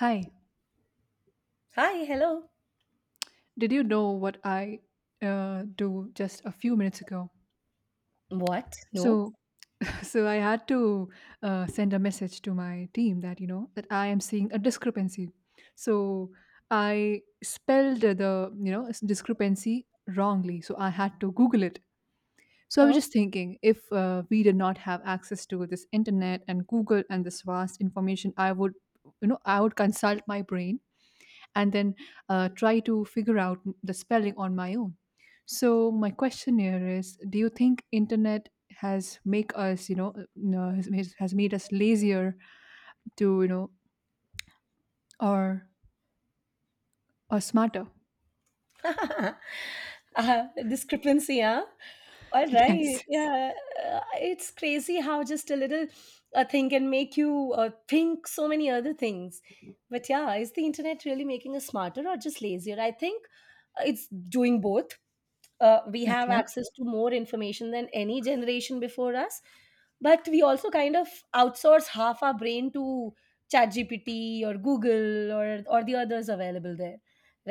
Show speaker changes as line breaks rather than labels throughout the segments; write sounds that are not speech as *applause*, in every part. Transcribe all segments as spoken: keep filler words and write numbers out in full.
Hi,
Hi, hello.
did you know what I uh, do just a few minutes ago?
What? No?
So, *laughs* so I had to uh, send a message to my team that you know that I am seeing a discrepancy. So I spelled the you know s- discrepancy wrongly. So I had to Google it. So I was
Oh.
just thinking, if uh, we did not have access to this internet and Google and this vast information, I would you know I would consult my brain and then uh, try to figure out the spelling on my own. So my question here is, do you think internet has make us you know uh, no, has made, has made us lazier, to you know or or smarter?
*laughs* Uh, discrepancy, huh? All
*laughs*
right.
Yes.
Yeah. uh, It's crazy how just a little uh, thing can make you uh, think so many other things. But yeah, is the internet really making us smarter or just lazier? I think uh, it's doing both. Uh, we have
Okay,
access to more information than any generation before us, but we also kind of outsource half our brain to ChatGPT or Google, or or the others available there,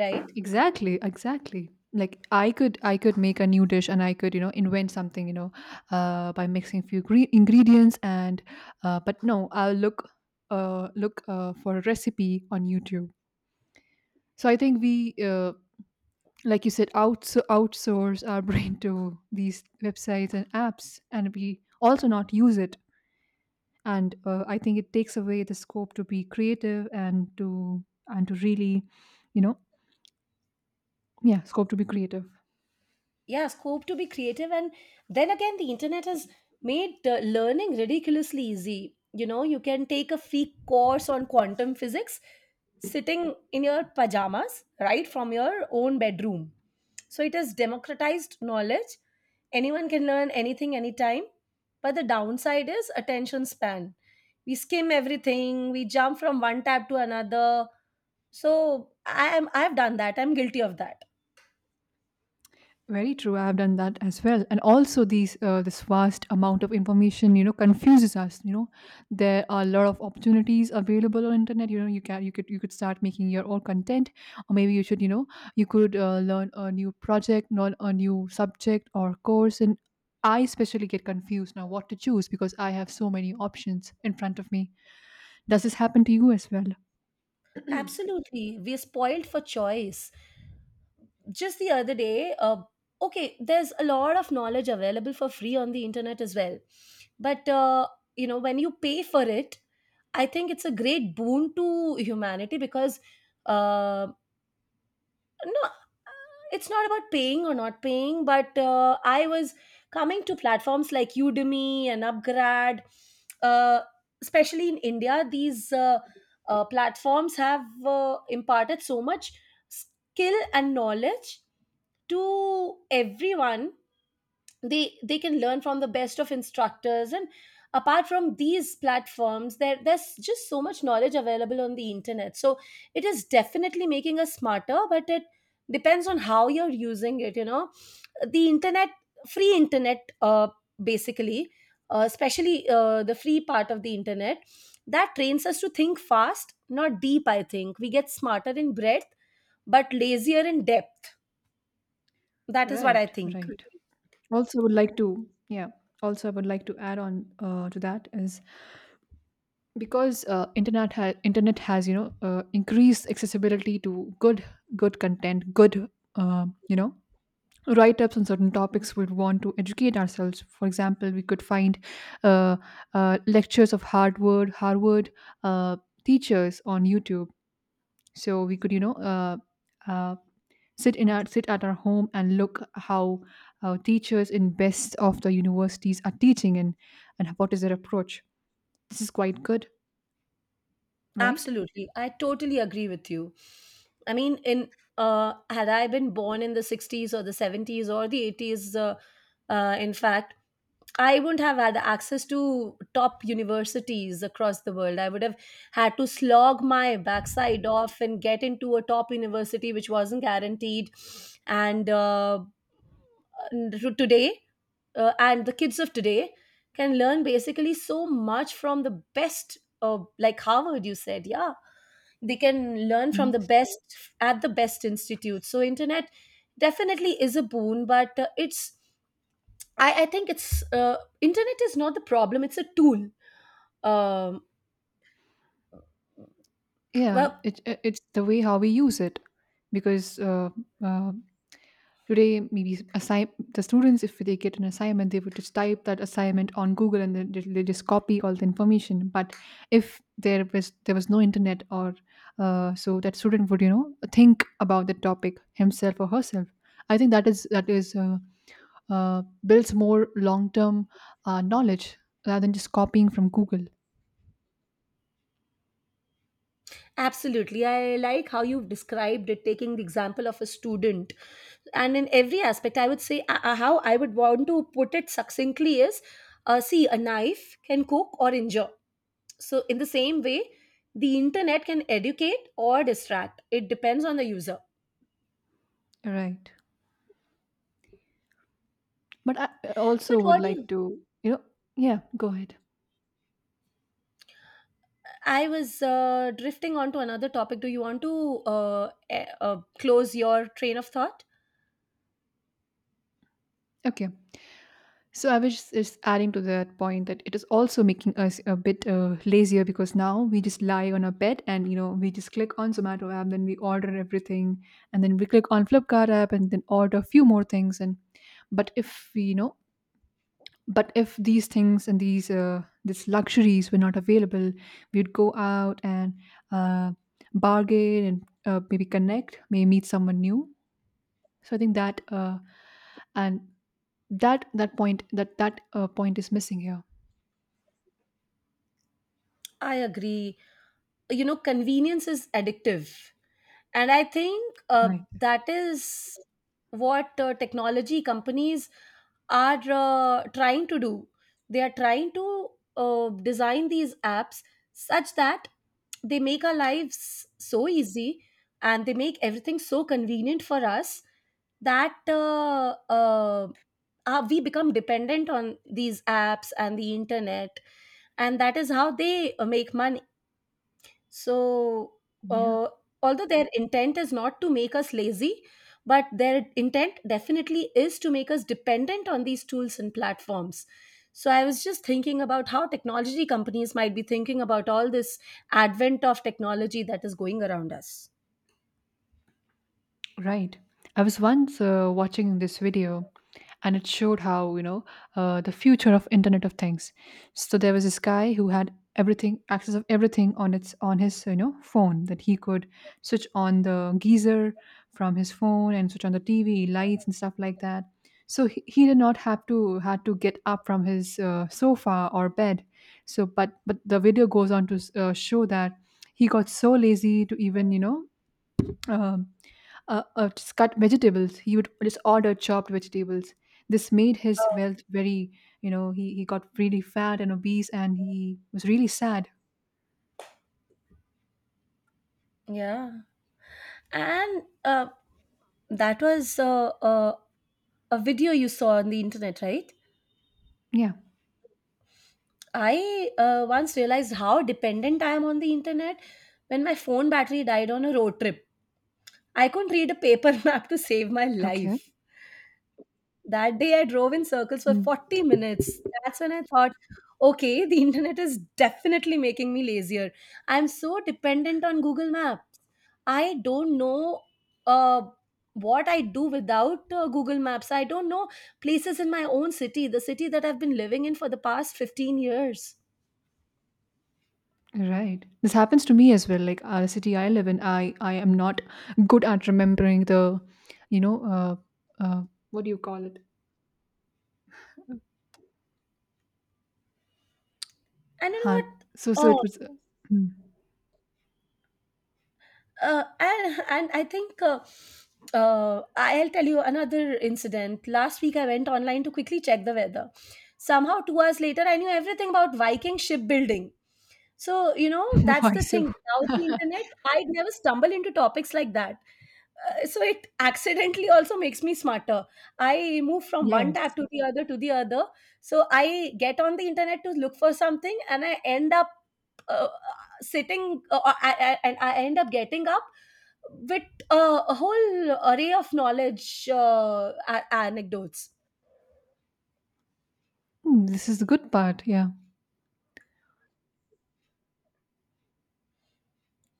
right?
exactly, exactly. Like i could i could make a new dish and I could, you know, invent something, you know uh, by mixing few gre- ingredients. And uh, but no, I'll look uh, look uh, for a recipe on YouTube. So I think we uh, like you said, outs outsource our *laughs* brain to these websites and apps, and we also not use it. And uh, I think it takes away the scope to be creative and to and to really, you know, yeah, scope to be creative.
Yeah, scope to be creative. And then again, the internet has made uh, learning ridiculously easy. You know, you can take a free course on quantum physics sitting in your pajamas right from your own bedroom. So it has democratized knowledge. Anyone can learn anything anytime. But the downside is attention span. We skim everything, we jump from one tab to another. So i am I've done that, I'm guilty of that.
Very true. I have done that as well, and also these uh, this vast amount of information, you know, confuses us. You know, there are a lot of opportunities available on internet. You know, you can, you could you could start making your own content, or maybe you should, you know, you could uh, learn a new project, learn a new subject or course. And I especially get confused now what to choose because I have so many options in front of me. Does this happen to you as well?
Absolutely. We're spoiled for choice. Just the other day, uh, okay, there's a lot of knowledge available for free on the internet as well. But, uh, you know, when you pay for it, I think it's a great boon to humanity because, uh, no uh, it's not about paying or not paying, but uh, I was coming to platforms like Udemy and UpGrad, uh, especially in India. These uh, uh, platforms have uh, imparted so much skill and knowledge to everyone. They they can learn from the best of instructors, and apart from these platforms, there there's just so much knowledge available on the internet. So it is definitely making us smarter, but it depends on how you're using it, you know. The internet free internet uh, basically uh, especially uh, The free part of the internet that trains us to think fast, not deep. I think we get smarter in breadth but lazier in depth. That is what I
Right,
think.
right. Also would like to, yeah, also I would like to add on uh, to that is, because uh, internet ha- internet has, you know, uh, increased accessibility to good good content, good uh, you know, write ups on certain topics we'd want to educate ourselves. For example, we could find uh, uh, lectures of harvard harvard uh, teachers on YouTube. So we could, you know, uh, uh, sit in our sit at our home and look how uh, teachers in best of the universities are teaching, and and what is their approach. This is quite good, right?
Absolutely. I totally agree with you. I mean, in uh, had I been born in the sixties or the seventies or the eighties, uh, uh, in fact, I wouldn't have had access to top universities across the world. I would have had to slog my backside off and get into a top university, which wasn't guaranteed. And uh, to- today, uh, and the kids of today can learn basically so much from the best, uh, like Harvard, you said, yeah. They can learn
Mhm.
from the best at the best institute. So, internet definitely is a boon, but uh, it's I, I think it's uh, internet is not the problem, it's a tool. um,
Yeah,
well,
it, it it's the way how we use it, because uh, uh, today maybe assign the students, if they get an assignment, they would just type that assignment on Google and then they, they just copy all the information. But if there was there was no internet, or uh, so that student would, you know, think about the topic himself or herself. I think that is that is uh, uh, builds more long term uh, knowledge rather than just copying from Google.
absolutely. I like how you've described it, taking the example of a student. And in every aspect, I would say, uh, uh, how I would want to put it succinctly is, uh, see, a knife can cook or injure. So in the same way, the internet can educate or distract. It depends on the user.
Right. But I
But
also would
what do you—
like to, you know, yeah, go ahead.
I was uh, drifting on to another topic. Do you want to uh, eh, uh, close your train of thought?
Okay. So I was just just adding to that point that it is also making us a bit uh, lazier because now we just lie on our bed and, you know, we just click on Zomato app, then we order everything, and then we click on Flipkart app and then order a few more things. And but if we, you know, but if these things and these uh, these luxuries were not available, we'd go out and uh, bargain and, uh, maybe connect, maybe meet someone new. So I think that uh, and that that point that that uh, point is missing here.
I agree. You know, convenience is addictive. And I think uh,
Right.
that is what uh, technology companies are uh, trying to do. They are trying to uh, design these apps such that they make our lives so easy and they make everything so convenient for us that uh, uh, uh, we become dependent on these apps and the internet. And that is how they uh, make money. So,
Yeah.
uh, although their intent is not to make us lazy, but their intent definitely is to make us dependent on these tools and platforms. So, I was just thinking about how technology companies might be thinking about all this advent of technology that is going around us.
Right. I was once uh, watching this video, and it showed how, you know, uh, the future of Internet of Things. So there was this guy who had everything, access of everything on its on his, you know, phone, that he could switch on the geyser from his phone and switch on the T V, lights and stuff like that. So he, he did not have to had to get up from his uh, sofa or bed. So but but the video goes on to uh, show that he got so lazy to even, you know, um, uh, uh, just cut vegetables. He would just order chopped vegetables. This made his
Oh.
wealth very, you know, he, he got really fat and obese and he was really sad.
Yeah. And uh, that was uh, uh, a video you saw on the internet, right?
Yeah.
I uh, once realized how dependent I am on the internet when my phone battery died on a road trip. I couldn't read a paper *laughs* map to save my
Okay.
life. That day I drove in circles for
Mm.
forty minutes. That's when I thought, okay, the internet is definitely making me lazier. I'm so dependent on Google Maps. I don't know uh, what I do without uh, Google Maps. I don't know places in my own city, the city that I've been living in for the past fifteen years.
Right. This happens to me as well. Like uh, the city I live in, I, I am not good at remembering the, you know, uh, uh, what do you call it?
And you know
Huh. So, so
what?
it
Uh,
was, hmm.
uh, and, and I think uh, uh, I'll tell you another incident. Last week, I went online to quickly check the weather. Somehow, two hours later, I knew everything about Viking shipbuilding. So, you know,
*laughs*
that's
Why
the
so?
thing. Without the internet, I'd never stumble into topics like that. Uh, so it accidentally also makes me smarter. I move from one tab
Yes.
to the other to the other. So I get on the internet to look for something and I end up. uh, Sitting uh, uh, I, I, and I end up getting up with uh, a whole array of knowledge, uh, a- anecdotes.
Hmm, this is the good part. Yeah.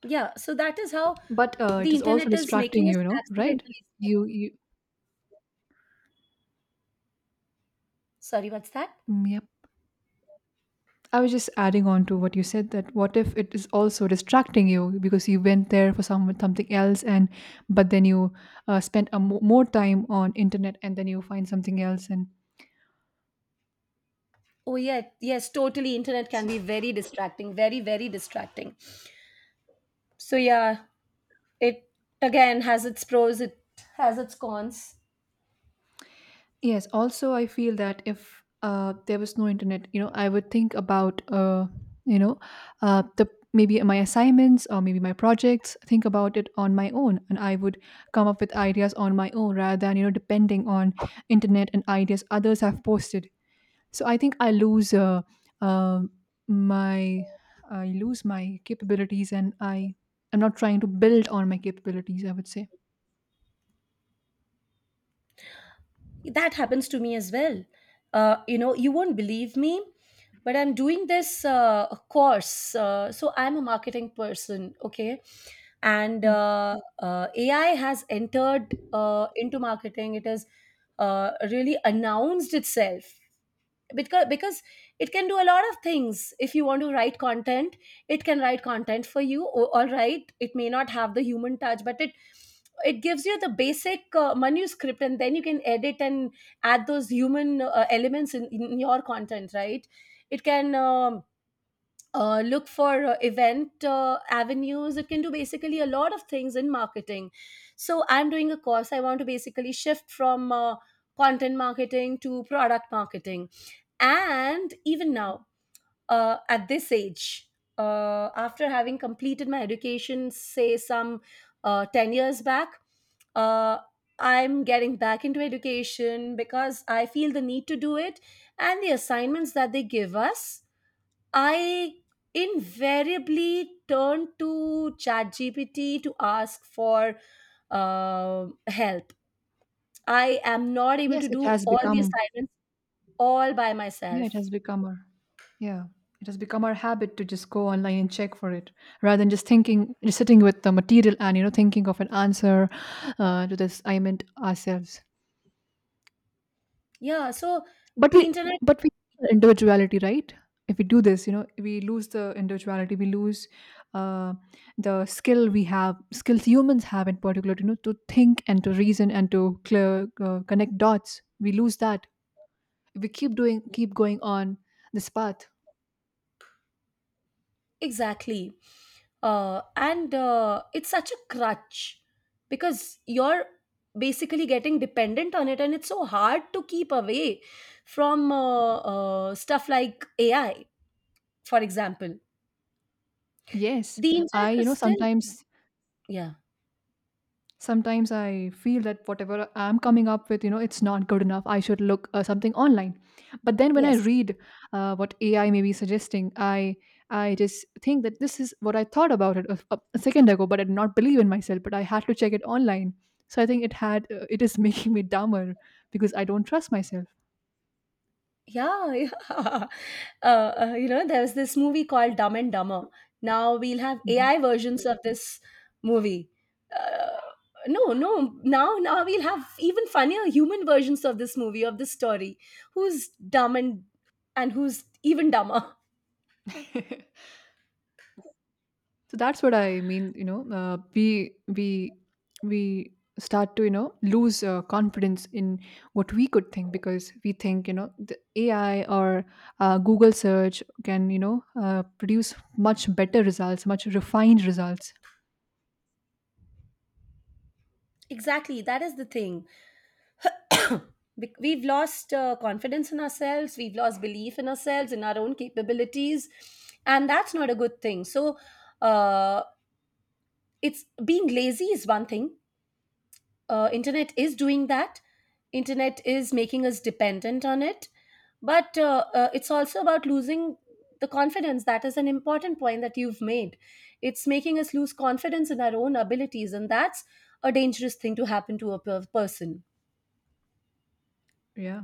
Yeah, so that is how
But uh, it
the
is also
internet is
distracting,
making us
you know, right?
accidentally
You,
smarter.
you,
Sorry, what's that?
mm, yep. I was just adding on to what you said, that what if it is also distracting you because you went there for some something else? And but then you uh, spent a mo- more time on internet and then you find something else, and
Oh yeah, yes, totally. Internet can
S-.
be very distracting, very very distracting. So yeah, it again has its pros, it has its cons.
Yes, also I feel that, if uh, there was no internet, you know, I would think about uh, you know uh, the maybe my assignments or maybe my projects, think about it on my own, and I would come up with ideas on my own rather than, you know, depending on internet and ideas others have posted. So I think I lose uh, uh, my I lose my capabilities, and I am not trying to build on my capabilities, I would say.
That happens to me as well. Uh, you know, you won't believe me, but I'm doing this uh, course, uh, so I'm a marketing person, okay? And
Hmm.
uh, uh, AI has entered uh, into marketing. It has uh, really announced itself, because because it can do a lot of things. If you want to write content, it can write content for you. O- all right, it may not have the human touch, but it it gives you the basic uh, manuscript, and then you can edit and add those human uh, elements in, in your content, right? It can um, uh, look for uh, event uh, avenues. It can do basically a lot of things in marketing. So I'm doing a course. I want to basically shift from uh, content marketing to product marketing. And even now, uh, at this age, uh, after having completed my education say some uh, ten years back, uh, I'm getting back into education because I feel the need to do it. And the assignments that they give us, I invariably turn to ChatGPT to ask for uh, help. I am not able
Yes,
to
it
do
has
all the
become,
assignments all by
yeah, it
myself.
has become our, yeah, it has become our habit to just go online and check for it rather than just thinking, just sitting with the material and, you know, thinking of an answer uh, to this. I meant ourselves.
Yeah, so
But
the
we,
internet,
but we lose our individuality, right? If we do this, you know, we lose the individuality, we lose uh, the skill we have, skills humans have in particular, you know, to think and to reason and to clear, uh, connect dots. We lose that. We keep doing, keep going on this path.
exactly. Uh, and uh, it's such a crutch because you're basically getting dependent on it, and it's so hard to keep away from uh, uh, stuff like A I, for example.
Yes,
The internet
I, you
was
know,
still,
sometimes,
yeah,
sometimes I feel that whatever I'm coming up with, you know, it's not good enough, I should look uh, something online. But then when I
yes.
read uh, what AI may be suggesting, i I just think that this is what I thought about it a, a a second ago, but I did not believe in myself, but I had to check it online. So I think it had uh, it is *laughs* making me dumber because I don't trust myself.
Yeah, *laughs* yeah. Uh, uh, you know, there was this movie called Dumb and Dumber. Now we'll have
Mhm.
A I versions of this movie. Uh, no, no. Now, now we'll have even funnier human versions of this movie of this story. Who's dumb and and who's even dumber?
*laughs* So that's what I mean. You know, uh, we we we start to, you know, lose uh, confidence in what we could think, because we think, you know, the A I or uh, Google search can, you know, uh, produce much better results, much refined results.
Exactly. That is the thing. *coughs* Bec- We've lost uh, confidence in ourselves. We've lost belief in ourselves, in our own capabilities, and that's not a good thing. So, uh, it's, being lazy is one thing, uh, internet is doing that, internet is making us dependent on it. But uh, uh, it's also about losing the confidence. That is an important point that you've made. It's making us lose confidence in our own abilities, and that's a dangerous thing to happen to a per- person.
Yeah,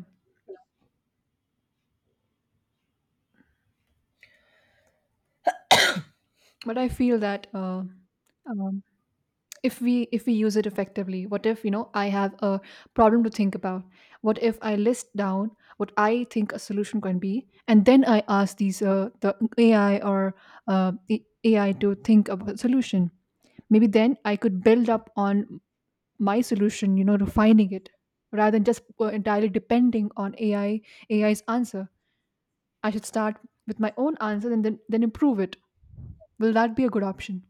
but I feel that. Uh, um, if we if we use it effectively, what if, you know, I have a problem to think about, what if I list down what I think a solution can be, and then I ask these uh, the ai or uh, the AI to think of a solution? Maybe then I could build up on my solution, you know, refining it, rather than just uh, entirely depending on ai AI's answer. I should start with my own answer and then then improve it. Will that be a good option?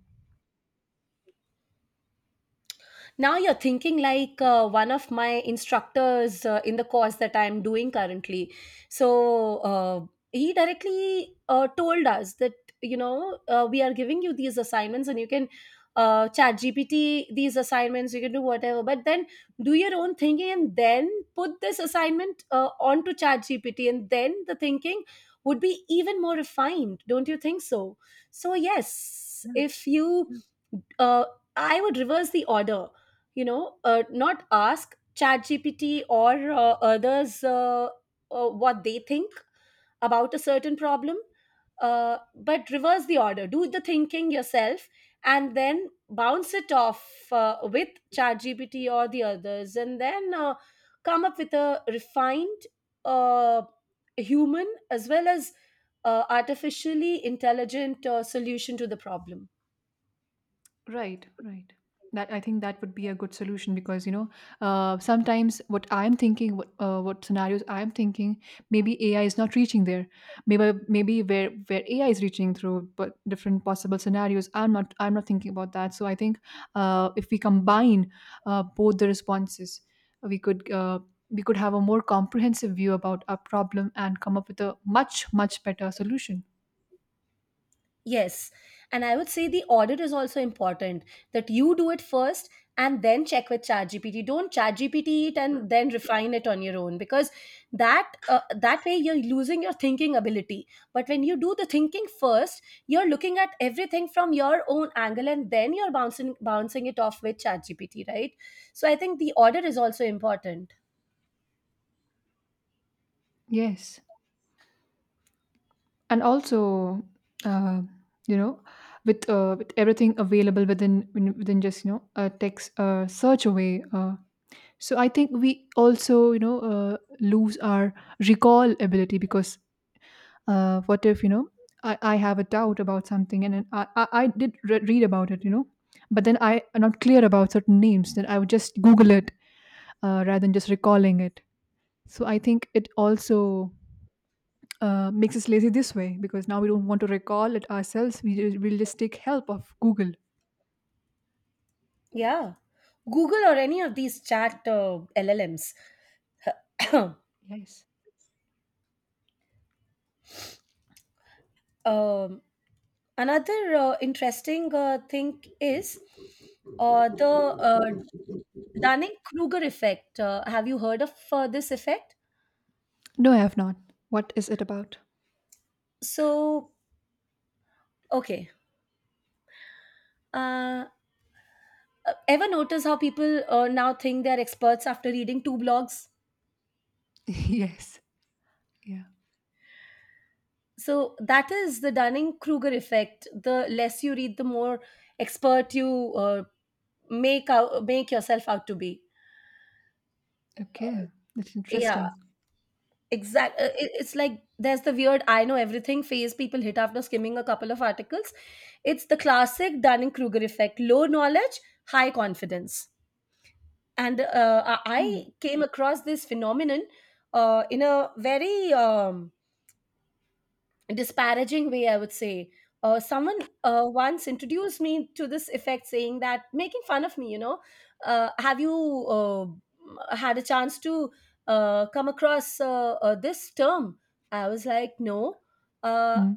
Now you're thinking like uh, one of my instructors uh, in the course that I'm doing currently. So uh, he directly uh, told us that, you know, uh, we are giving you these assignments and you can uh, chat gpt these assignments, you can do whatever, but then do your own thinking and then put this assignment uh, onto chat gpt and then the thinking would be even more refined. Don't you think so? So yes, if you uh, I would reverse the order. You know, uh, not ask ChatGPT or uh, others uh, uh, what they think about a certain problem, uh, but reverse the order. Do the thinking yourself and then bounce it off uh, with ChatGPT or the others, and then uh, come up with a refined uh, human as well as uh, artificially intelligent uh, solution to the problem.
Right, right. That I think that would be a good solution because, you know, uh, sometimes what I'm thinking, what uh, what scenarios I'm thinking, maybe A I is not reaching there. Maybe maybe where where A I is reaching through, but different possible scenarios I'm not I'm not thinking about that. So I think, uh, if we combine uh, both the responses, we could uh, we could have a more comprehensive view about our problem and come up with a much much better solution.
Yes. And I would say the audit is also important, that you do it first and then check with ChatGPT. Don't ChatGPT it and then refine it on your own, because that uh, that way you're losing your thinking ability. But when you do the thinking first, you're looking at everything from your own angle, and then you're bouncing bouncing it off with ChatGPT, right? So I think the audit is also important.
Yes. And also, uh, you know, with uh, with everything available within within within just, you know, a text uh, search away. Uh, so I think we also, you know, uh, lose our recall ability. Because uh, what if, you know, I, I have a doubt about something and then I I, I did re- read about it, you know, but then I am not clear about certain names. Then I would just Google it uh, rather than just recalling it. So I think it also uh, makes us lazy this way because now we don't want to recall it ourselves. We ju- we'll just take help of Google.
Yeah. Google or any of these chat uh, L L Ms. *coughs*
Yes.
*clears throat* um, Another uh, interesting uh, thing is uh, the uh, Dunning Kruger effect. Uh, have you heard of uh, this effect?
No, I have not. What is it about?
So, okay. Uh, Ever notice how people uh, now think they're experts after reading two blogs?
*laughs* Yes. Yeah.
So, that is the Dunning Kruger effect. The less you read, the more expert you uh, make, out, make yourself out to be.
Okay, that's
Yeah.
interesting.
Exact uh, it- it's like there's the weird I know everything phase people hit after skimming a couple of articles. It's the classic Dunning-Kruger effect. Low knowledge, high confidence. And uh, i I
Hmm.
came across this phenomenon uh, in a very um, disparaging way, I would say. Uh, someone uh, once introduced me to this effect, saying that making fun of me, you know, uh, have you uh, had a chance to uh, come across uh, uh, this term? I was like, no. Uh,
Hmm.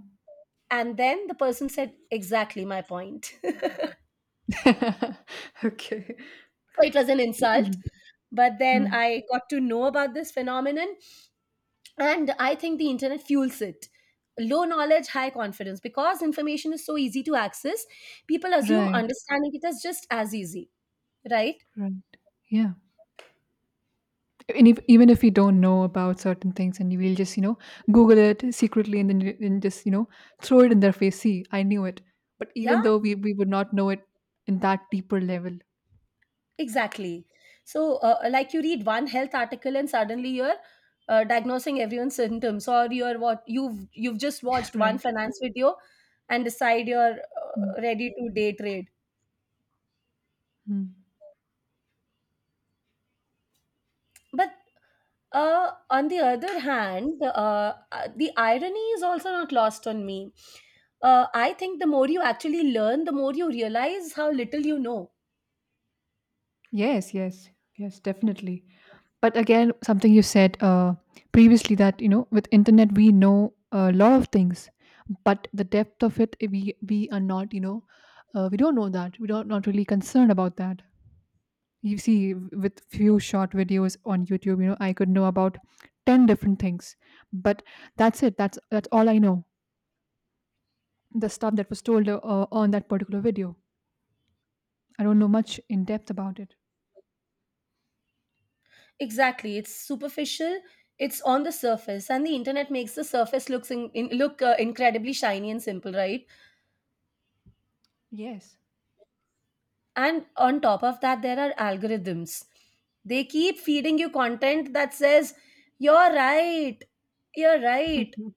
and then the person said exactly my point. *laughs* So
*laughs* Okay.
it was an insult.
Hmm.
But then
Hmm.
I got to know about this phenomenon, and I think the internet fuels it. Low knowledge, high confidence, because information is so easy to access, people assume
Right.
understanding it is just as easy, right?
Right. Yeah. And if, even if we don't know about certain things, and we'll just, you know, Google it secretly, and then you- and just, you know, throw it in their face. See, I knew it. But
Yeah,
even though we we would not know it in that deeper level,
exactly. So uh, like you read one health article and suddenly you're uh, diagnosing everyone's symptoms. Or you're, what, you've you've just
*laughs*
watched one
right?
finance video and decide you're
Hmm.
uh, ready to day trade.
Mm.
But uh, on the other hand, uh, uh, the irony is also not lost on me. Uh, I think the more you actually learn, the more you realize how little you know.
Yes, yes, yes, definitely. But again, something you said uh, previously that you know, with internet, we know a lot of things, but the depth of it, eh, we we are not, you know, uh, we don't know that. We don't not really concerned about that. You see, with few short videos on YouTube, you know, I could know about ten different things, but that's it. That's that's all I know. The stuff that was told uh, on that particular video. I don't know much in depth about it.
Exactly, it's superficial. It's on the surface, and the internet makes the surface looks in, in, look uh, incredibly shiny and simple, right?
Yes.
And on top of that, there are algorithms. They keep feeding you content that says, "You're right. You're right."
*laughs*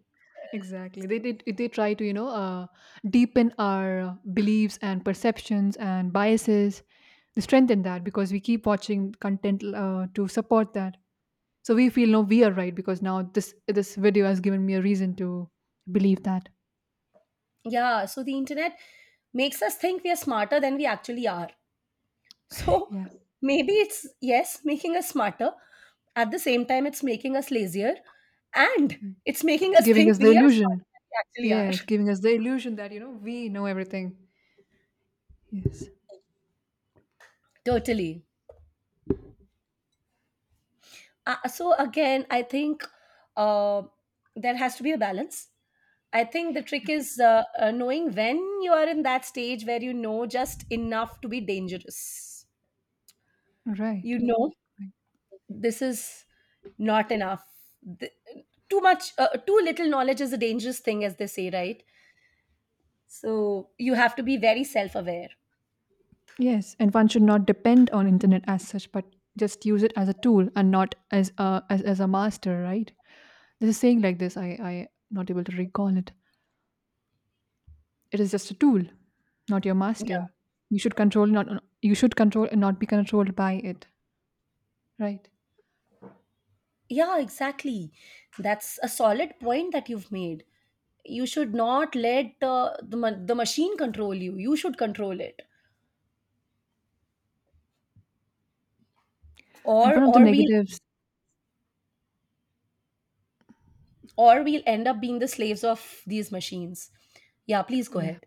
Exactly. They did. They they try to you know uh, deepen our uh, beliefs and perceptions and biases. They strengthen that because we keep watching content uh, to support that. So we feel no, we are right because now this this video has given me a reason to believe that.
Yeah, so the internet makes us think we are smarter than we actually are. *laughs* So
Yeah,
maybe it's, yes, making us smarter. At the same time, it's making us lazier, and it's making us
giving
think
us the
we are
illusion.
smarter than we actually
Yes,
are.
giving
*laughs*
us the illusion that you know we know everything. Yes.
Totally. Uh, so again, I think uh, there has to be a balance. I think the trick is uh, uh, knowing when you are in that stage where you know just enough to be dangerous.
Right.
You know, this is not enough. Th- Too much, uh, too little knowledge is a dangerous thing, as they say, right? So you have to be very self aware.
Yes, and one should not depend on internet as such, but just use it as a tool and not as a as, as a master, right? There's a saying like this. I I not able to recall it. It is just a tool, not your
Yeah,
master. You should control not you should control and not be controlled by it, right?
yeah, exactly. That's a solid point that you've made. You should not let uh, the ma- the machine control you. You should control it,
And
or
one of the
or we will,
negatives,
or we'll end up being the slaves of these machines. Yeah, please go
yeah.
ahead.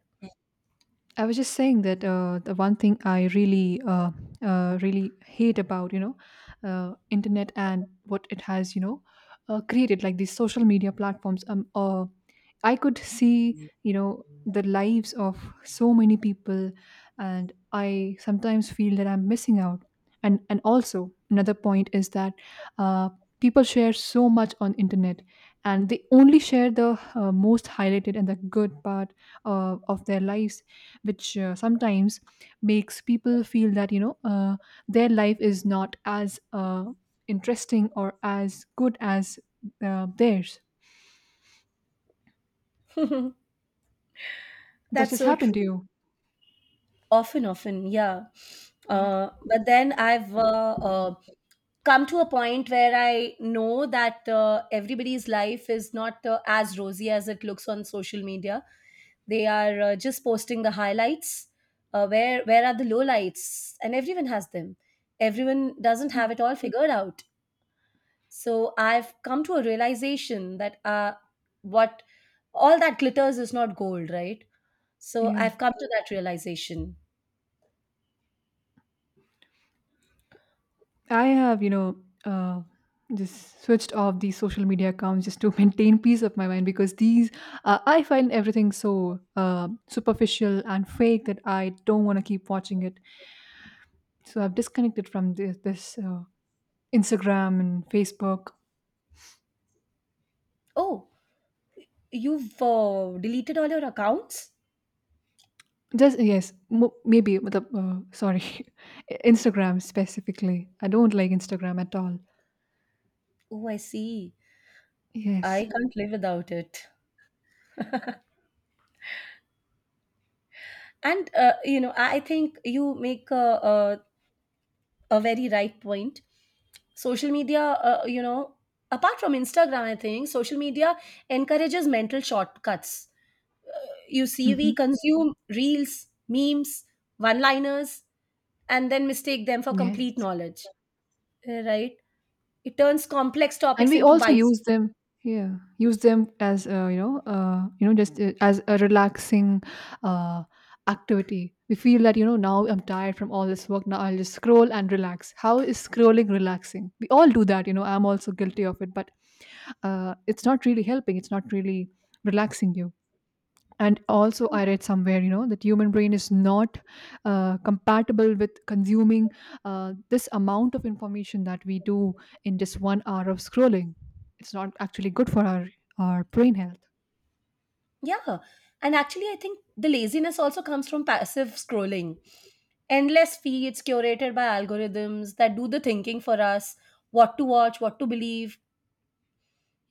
I was just saying that uh, the one thing I really, uh, uh, really hate about you know, uh, internet and what it has you know, uh, created like these social media platforms. Um, uh, I could see you know the lives of so many people, and I sometimes feel that I'm missing out. And and also another point is that uh, people share so much on internet, and they only share the uh, most highlighted and the good part uh, of their lives which uh, sometimes makes people feel that you know uh, their life is not as uh, interesting or as good as uh, theirs.
*laughs*
Does
That's
this
so
happen to
true.
you?
Often, often, yeah.
Yeah,
Uh, but then I've uh, uh, come to a point where I know that uh, everybody's life is not uh, as rosy as it looks on social media. They are uh, just posting the highlights. Uh, where where are the lowlights? And everyone has them. Everyone doesn't
yeah,
have it all figured out. So I've come to a realization that, uh, what all that glitters is not gold, right? So
yeah.
I've come to that realization.
I have you know uh, just switched off these social media accounts just to *laughs* maintain peace of my mind because these uh, I find everything so uh, superficial and fake that I don't want to keep watching it. So I've disconnected from this, this uh, Instagram and Facebook.
Oh, you've uh, deleted all your accounts?
Just yes, mo- maybe. But the- Uh, sorry, *laughs* Instagram specifically. I don't like Instagram at all.
Oh, I see.
Yes.
I can't live without it. And uh, you know, I I think you make a, a, a very right point. Social media, uh, you know, apart from Instagram, I think social media encourages mental shortcuts. You see, we
Hmm.
consume reels, memes, one-liners, and then mistake them for complete
Yes.
knowledge. Right? It turns complex
And
topics
we
into
also
bite.
use them. Yeah, use them as uh, you know, uh, you know, just uh, as a relaxing uh, activity. We feel that you know now I'm tired from all this work. Now I'll just scroll and relax. How is scrolling relaxing? We all do that. You know, I'm also guilty of it, but uh, it's not really helping. It's not really relaxing you. And also I read somewhere you know that human brain is not uh, compatible with consuming uh, this amount of information that we do in just one hour of scrolling. It's not actually good for our our brain health.
Yeah. And actually, I think the laziness also comes from passive scrolling. Endless feeds curated by algorithms that do the thinking for us, what to watch, what to believe.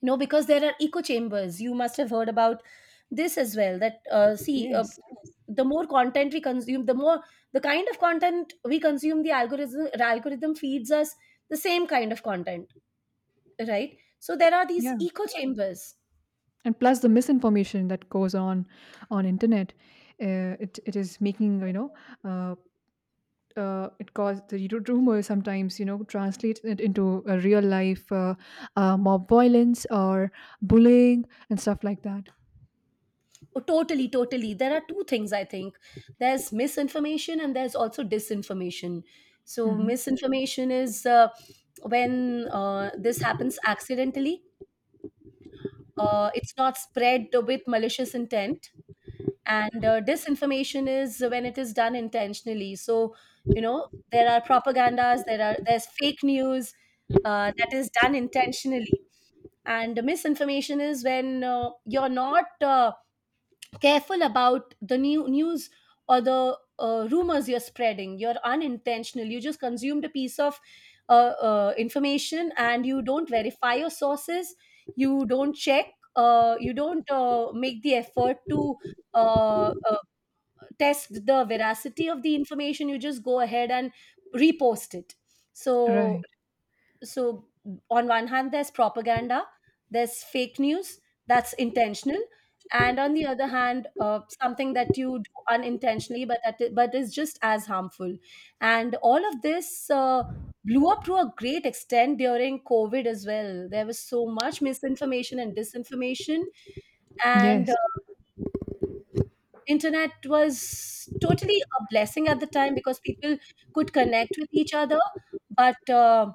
You know, because there are echo chambers. You must have heard about this as well. That, uh, see, uh,
Yes.
the more content we consume, the more, the kind of content we consume, the algorithm, algorithm feeds us the same kind of content, right? So there are these
Yeah.
echo chambers.
And plus the misinformation that goes on on internet, uh, it, it is making you know uh, uh, it cause the ru- rumors sometimes you know translate it into a real life uh, uh, mob violence or bullying and stuff like that.
Oh, totally, totally. There are two things, I think. There's misinformation and there's also disinformation. So,
Mhm.
misinformation is uh, when uh, this happens accidentally, uh, it's not spread with malicious intent. And uh, disinformation is when it is done intentionally. So, you know, there are propagandas, there are, there's fake news uh, that is done intentionally. And misinformation is when uh, you're not uh, careful about the new news or the uh, rumors you're spreading. You're unintentional. You just consumed a piece of uh, uh, information and you don't verify your sources, you don't check, uh, you don't uh, make the effort to uh, uh, test the veracity of the information. You just go ahead and repost it. So
Right.
so, on one hand there's propaganda, there's fake news, that's intentional. And on the other hand, uh, something that you do unintentionally, but that, but is just as harmful. And all of this uh, blew up to a great extent during COVID as well. There was so much misinformation and disinformation. And uh,
Yes.
internet was totally a blessing at the time because people could connect with each other. But uh,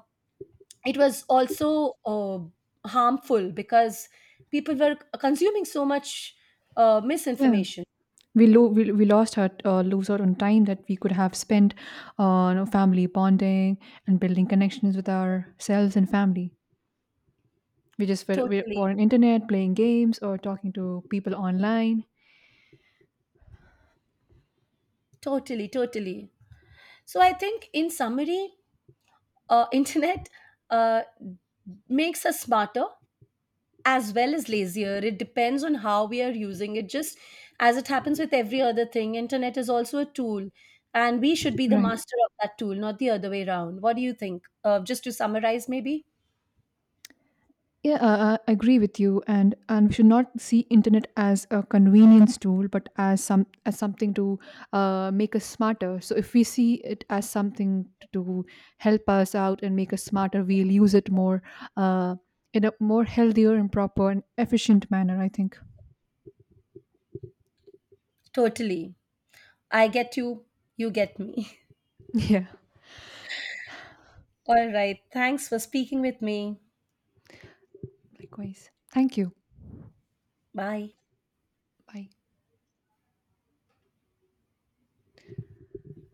it was also uh, harmful because people were consuming so much uh,
Yeah.
misinformation.
We lo- we, we lost out uh, lose out on time that we could have spent on family bonding and building connections with ourselves and family. We just were, we
Totally,
were on internet playing games or talking to people online.
totally, totally. So I think in summary, uh, *laughs* internet uh, makes us smarter as well as lazier. It depends on how we are using it. Just as it happens with every other thing, internet is also a tool, and we should be the
Right.
master of that tool, not the other way around. What do you think, uh, just to summarize maybe?
Yeah, uh, uh, I agree with you, and and we should not see internet as a convenience tool, but as some as something to uh, make us smarter. So if we see it as something to help us out and make us smarter, we'll use it more uh, in a more healthier and proper and efficient manner. I think.
Totally. I get you, you get me.
Yeah,
*laughs* All right. Thanks for speaking with me.
likewise. Thank you.
Bye.
Bye.